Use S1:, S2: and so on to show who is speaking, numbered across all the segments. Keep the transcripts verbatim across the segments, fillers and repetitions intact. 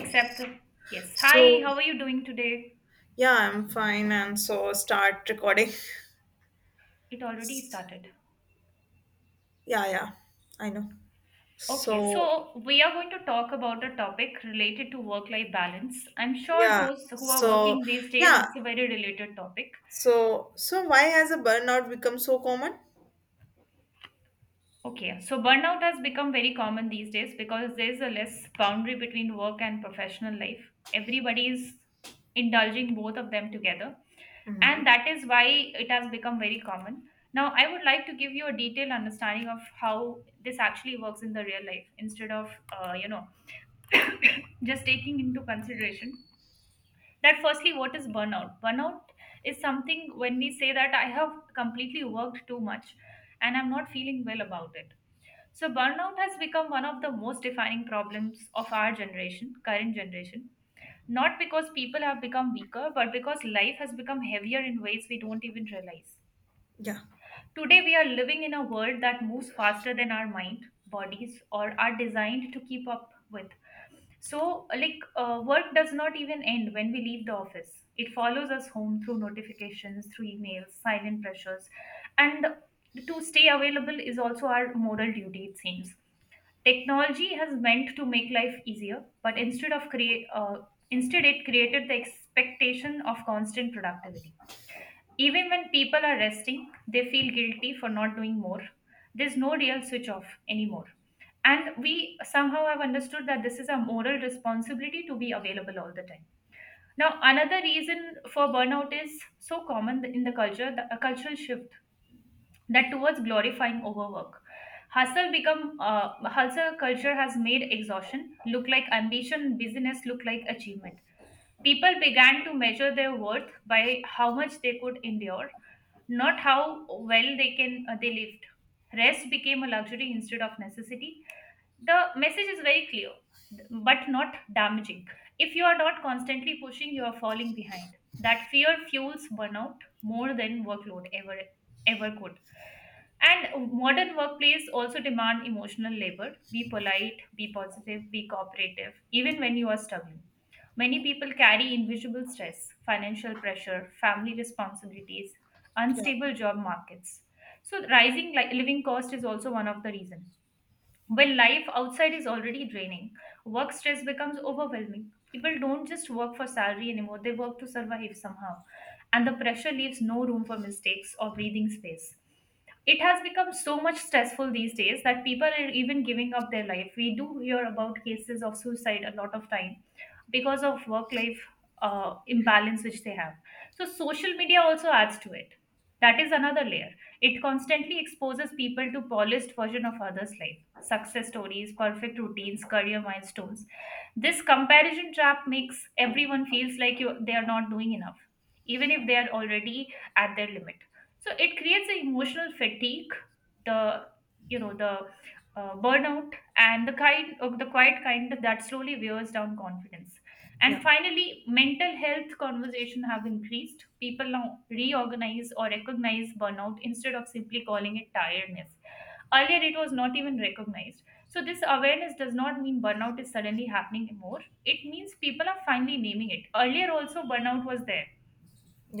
S1: Except, yes. Hi,
S2: So,
S1: how are you doing today?
S2: yeah, I'm fine. And so, start recording.
S1: It already started.
S2: Yeah, yeah, I know.
S1: Okay,
S2: So,
S1: so we are going to talk about a topic related to work life balance. I'm sure
S2: yeah,
S1: those who are
S2: so,
S1: working these days,
S2: yeah,
S1: it's a very related topic.
S2: so, so why has a burnout become so common?
S1: Okay, so burnout has become very common these days because there's a less boundary between work and professional life. Everybody is indulging both of them together,
S2: Mm-hmm.
S1: and that is why it has become very common. Now, I would like to give you a detailed understanding of how this actually works in the real life instead of, uh, you know, just taking into consideration that firstly, what is burnout? Burnout is something when we say that I have completely worked too much and I'm not feeling well about it so, burnout has become one of the most defining problems of our generation, current generation. Not because people have become weaker, but because life has become heavier in ways we don't even realize.
S2: Yeah,
S1: Today, we are living in a world that moves faster than our mind, bodies, or are designed to keep up with. So, like, uh, work does not even end when we leave the office. It follows us home through notifications, through emails, silent pressures. And to stay available is also our moral duty, it seems. Technology has meant to make life easier, but instead of create, uh, instead it created the expectation of constant productivity. Even when people are resting, they feel guilty for not doing more. There's no real switch off anymore. And we somehow have understood that this is a moral responsibility to be available all the time. Now, another reason for burnout is so common in the culture, the, a cultural shift that towards glorifying overwork. Hustle become uh, hustle culture has made exhaustion look like ambition, busyness look like achievement. People began to measure their worth by how much they could endure, not how well they can uh, they lived. Rest became a luxury instead of necessity, the message is very clear but not damaging. If you are not constantly pushing, you are falling behind. That fear fuels burnout more than workload ever ever could. And modern workplace also demand emotional labor, be polite, be positive, be cooperative even when you are struggling. Many people carry invisible stress, financial pressure, family responsibilities,
S2: yeah,
S1: unstable job markets, so rising like living cost is also one of the reason. When life outside is already draining, work stress becomes overwhelming. People don't just work for salary anymore, they work to survive somehow. And the pressure leaves no room for mistakes or breathing space. It has become so much stressful these days that people are even giving up their life. We do hear about cases of suicide a lot of time because of work life uh, imbalance which they have. So social media also adds to it. That is another layer. It constantly exposes people to polished version of others life, success stories, perfect routines, career milestones. This comparison trap makes everyone feels like you, they are not doing enough, even if they are already at their limit. So it creates an emotional fatigue, the you know the uh, burnout, and the kind of the quiet kind that slowly wears down confidence.
S2: yeah,
S1: And finally, mental health conversation have increased. People now reorganize or recognize burnout instead of simply calling it tiredness. Earlier, it was not even recognized. So, this awareness does not mean burnout is suddenly happening more. It means people are finally naming it. Earlier, also, burnout was there.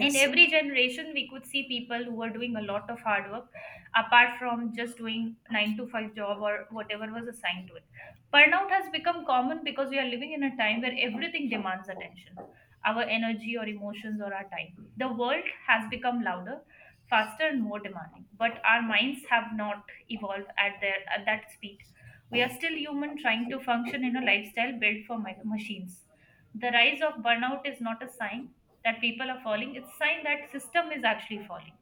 S1: In
S2: yes,
S1: every generation, we could see people who were doing a lot of hard work apart from just doing nine to five job or whatever was assigned to it. Burnout has become common because we are living in a time where everything demands attention, our energy or emotions or our time. The world has become louder, faster, and more demanding, but our minds have not evolved at, their, at that speed. We are still human trying to function in a lifestyle built for ma- machines. The rise of burnout is not a sign that people are falling, it's a sign that system is actually falling.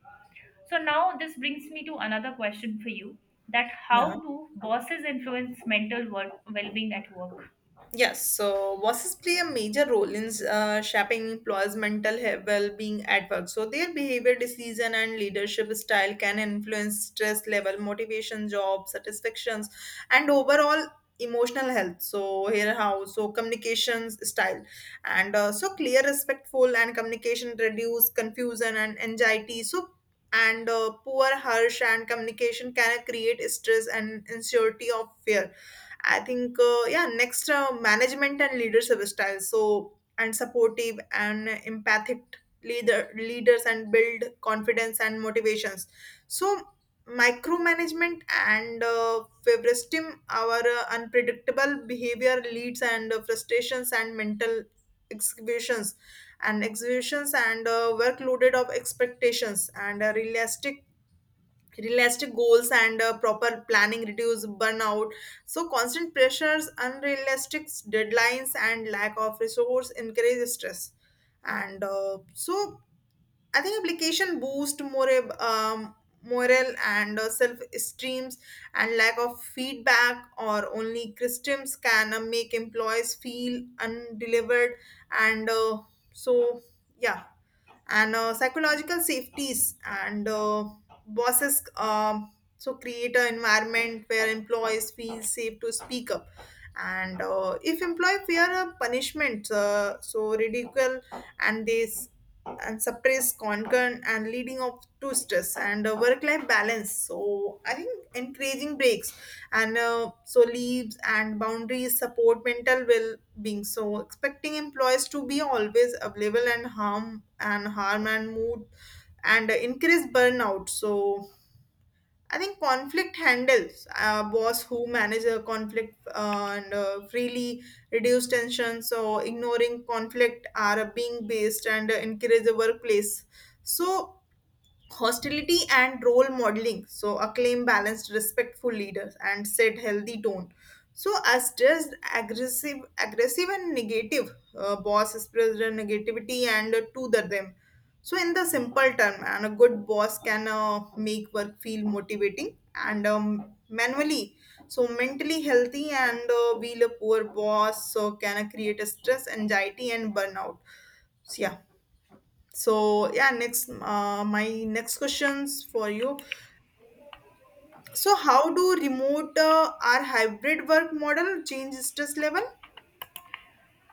S1: So now this brings me to another question for you, that
S2: yeah,
S1: how do bosses influence mental well- well-being at work?
S2: Yes, so bosses play a major role in uh, shaping employees' mental he- well-being at work. So their behavior, decision, and leadership style can influence stress level, motivation, job satisfactions, and overall emotional health. So here how so communications style, and uh, so clear, respectful, and communication reduce confusion and anxiety. So and uh, Poor, harsh, and communication can create stress and insecurity of fear. I think uh, yeah, next uh, management and leadership styles. So and Supportive and empathic leader leaders and build confidence and motivations. So micromanagement and uh, favoritism, our uh, unpredictable behavior leads and uh, frustrations and mental exhibitions and exhibitions and uh, workloaded of expectations and uh, realistic realistic goals and uh, proper planning reduce burnout. So constant pressures, unrealistic deadlines, and lack of resource increase stress. And uh, so I think application boost more um, morale and uh, self esteems, and lack of feedback or only systems can uh, make employees feel undelivered. And uh, so yeah and uh, Psychological safeties, and uh, bosses um, so create an environment where employees feel safe to speak up. And uh, if employee fear a punishment, uh, so ridicule and this and suppress concern, and leading up to stress and uh, work life balance. So I think encouraging breaks, and uh, so leaves and boundaries, support mental well being. So expecting employees to be always available and harm and harm and mood and increase burnout. So I think conflict handles, a boss who manage a conflict, uh, and uh, freely reduce tension. So ignoring conflict are being based and uh, encourage the workplace, so hostility. And role modeling, so acclaim balanced respectful leaders and set healthy tone. So as just aggressive aggressive and negative, uh, boss spreads the negativity and uh, to the them. So in the simple term, and a good boss can uh, make work feel motivating and um, manually, so mentally healthy, and uh, while a poor boss so can uh, create a stress, anxiety, and burnout. So yeah, so yeah, next uh, my next questions for you. So how do remote uh, or hybrid work model change stress level?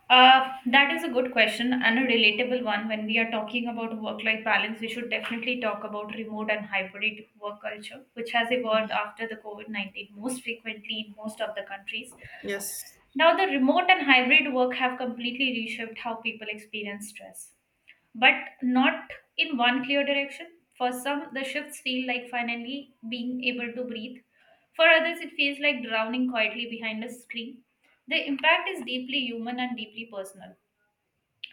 S1: Uh, that is a good question and a relatable one. When we are talking about work life balance, we should definitely talk about remote and hybrid work culture, which has evolved after the COVID nineteen most frequently in most of the countries.
S2: Yes,
S1: Now, the remote and hybrid work have completely reshaped how people experience stress, but not in one clear direction. For some, the shifts feel like finally being able to breathe, for others, it feels like drowning quietly behind a screen. The impact is deeply human and deeply personal.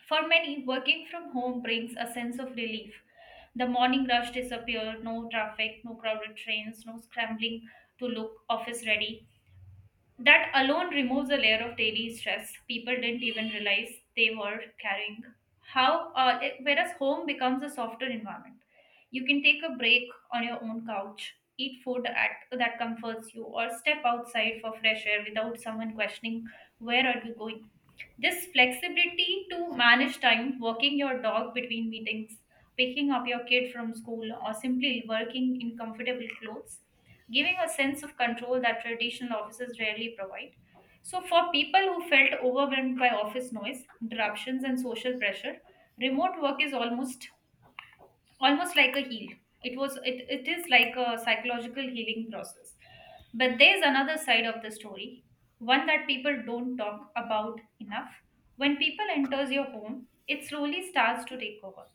S1: For many, working from home brings a sense of relief. The morning rush disappears, no traffic, no crowded trains, no scrambling to look office ready. That alone removes a layer of daily stress people didn't even realize they were carrying. How uh, it- whereas home becomes a softer environment. You can take a break on your own couch, eat food at, that comforts you, or step outside for fresh air without someone questioning where are you going. This flexibility to manage time, walking your dog between meetings, picking up your kid from school, or simply working in comfortable clothes giving a sense of control that traditional offices rarely provide. So, for people who felt overwhelmed by office noise, interruptions, and social pressure, remote work is almost almost like a heal. It was it, it is like a psychological healing process. But there's another side of the story, one that people don't talk about enough. When people enters your home, it slowly starts to take over.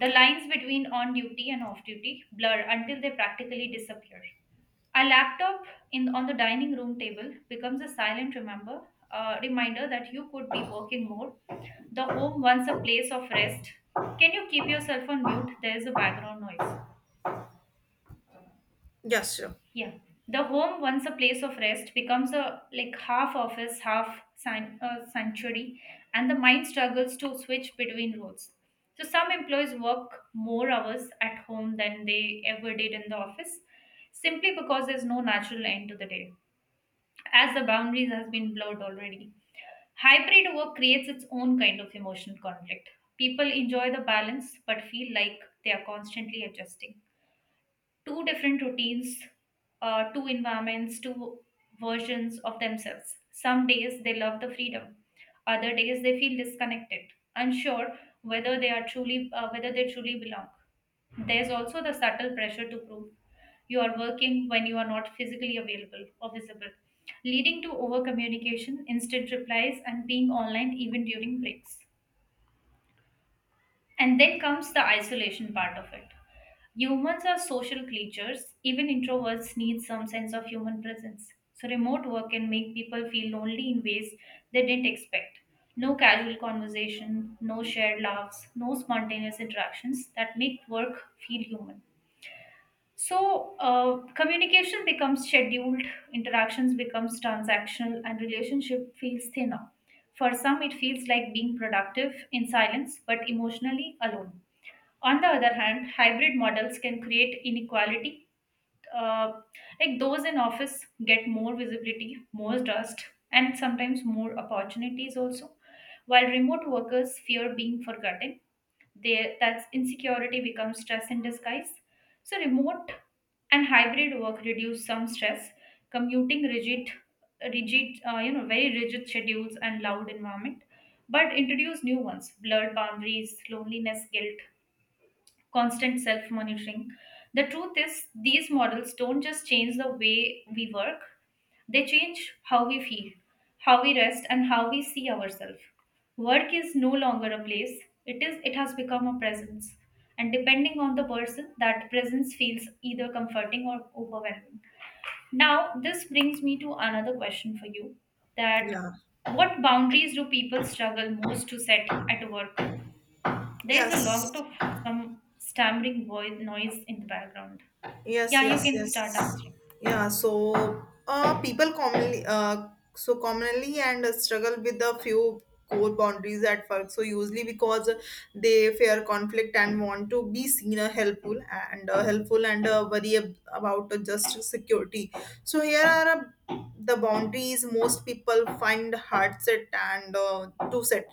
S1: The lines between on duty and off duty blur until they practically disappear. A laptop in on the dining room table becomes a silent remember uh, reminder that you could be working more. The home once a place of rest. Can you keep yourself on mute? There is a background noise.
S2: yes, sure,
S1: Yeah. The home, once a place of rest, becomes a like half office, half san- uh, sanctuary, and the mind struggles to switch between roles. So some employees work more hours at home than they ever did in the office, simply because there's no natural end to the day, as the boundaries has been blurred already. Hybrid work creates its own kind of emotional conflict. People enjoy the balance but feel like they are constantly adjusting two different routines, uh, two environments, two versions of themselves. Some days they love the freedom, other days they feel disconnected, unsure whether they are truly uh, whether they truly belong. There's also the subtle pressure to prove you are working when you are not physically available or visible, leading to over communication, instant replies, and being online even during breaks. And then comes the isolation part of it. Humans are social creatures. Even introverts need some sense of human presence. So, remote work can make people feel lonely in ways they didn't expect. No casual conversation, no shared laughs, no spontaneous interactions that make work feel human. So, uh, communication becomes scheduled, interactions becomes transactional, and relationship feels thinner. For some, it feels like being productive in silence, but emotionally alone. On the other hand, hybrid models can create inequality. Uh, like those in office get more visibility, more trust, and sometimes more opportunities also, while remote workers fear being forgotten. They, that insecurity becomes stress in disguise. So, remote and hybrid work reduce some stress. Commuting rigid, rigid, uh, you know, very rigid schedules and loud environment, but introduce new ones: blurred boundaries, loneliness, guilt, constant self monitoring. The truth is, these models don't just change the way we work, they change how we feel, how we rest, and how we see ourselves. Work is no longer a place, it, is, it has become a presence. And depending on the person, that presence feels either comforting or overwhelming. Now, this brings me to another question for you, that
S2: yeah,
S1: what boundaries do people struggle most to set at work? There is a lot
S2: yes.
S1: of some stammering voice noise in the background.
S2: Yes,
S1: Yeah, you
S2: yes,
S1: can
S2: yes.
S1: start answering.
S2: Yeah, so uh, people commonly uh, so commonly and uh, struggle with a few core boundaries at work. So usually because they fear conflict and want to be seen uh, helpful and uh, helpful, and uh, worry ab- about uh, just security. So here are uh, the boundaries most people find hard set and uh, to set.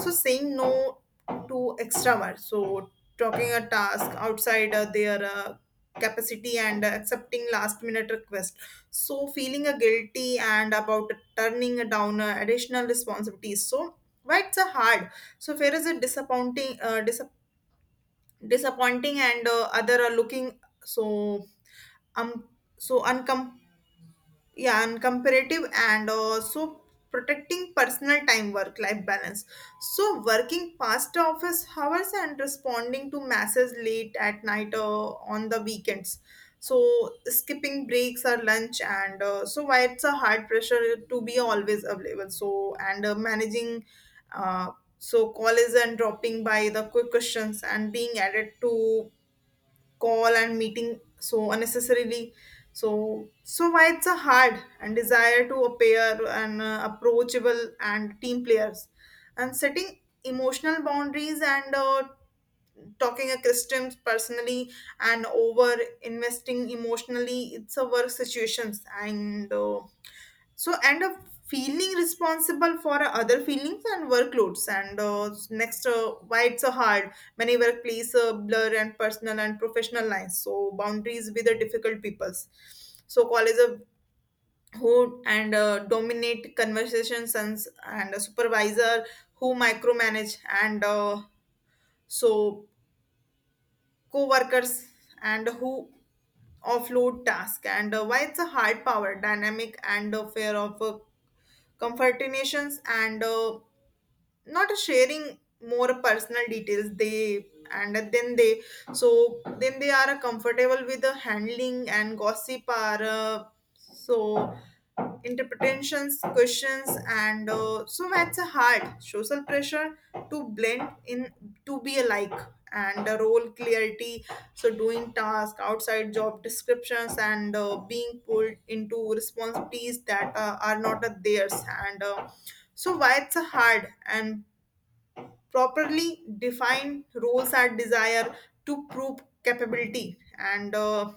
S2: So saying no to extra work. So talking a task outside uh, their uh, capacity, and accepting last minute requests, so feeling a guilty and about turning down uh, additional responsibilities. So why it's a hard, so where is it disappointing, uh, disap- disappointing and uh, other are looking. So um so uncom yeah And comparative, and also protecting personal time work life balance. So working past office hours, and responding to messages late at night uh, on the weekends, so skipping breaks or lunch, and uh, so why it's a hard pressure to be always available. So and uh, managing uh, so calls and dropping by the quick questions, and being added to call and meeting so unnecessarily. So so why it's a hard and desire to appear and uh, approachable and team players. And setting emotional boundaries and uh, talking a christian personally and over investing emotionally, it's a work situations. And uh, so and of feeling responsible for other feelings and workloads. And uh, next uh, why it's so hard, many workplace uh, blur and personal and professional lines. So boundaries with the difficult peoples. So college of who and uh, dominate conversations, and, and a supervisor who micromanage, and uh, so co-workers and who offload task, and uh, why it's a hard power dynamic, and a fear of uh, comfortinations, and uh, not sharing more personal details. They and then they so Then they are comfortable with the handling, and gossip are, uh, so interpretations, questions, and uh, so that's a hard social pressure to blend in, to be alike. And uh, role clarity. So doing tasks outside job descriptions, and uh, being pulled into responsibilities that uh, are not uh, theirs. And. Uh, so why it's a hard, and properly defined roles are desire to prove capability. and uh,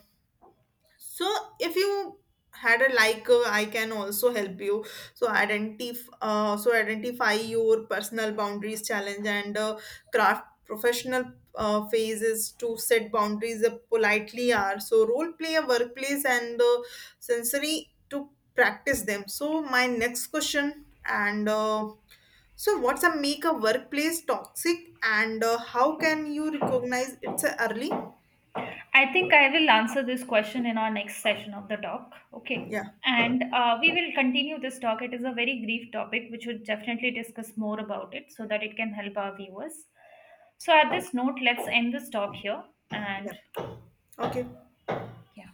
S2: so if you had a like, uh, I can also help you. So identify, uh, so identify your personal boundaries challenge, and uh, craft professional uh, phases to set boundaries uh, politely are. So role play a workplace, and uh, sensory to practice them. So my next question. And. Uh, so What's a make a workplace toxic, and uh, how can you recognize it's a early?
S1: I think I will answer this question in our next session of the talk. Okay.
S2: Yeah,
S1: And uh, we will continue this talk. It is a very brief topic, which would definitely discuss more about it so that it can help our viewers. So, at this note, let's end this talk here. And
S2: yeah, okay.
S1: yeah.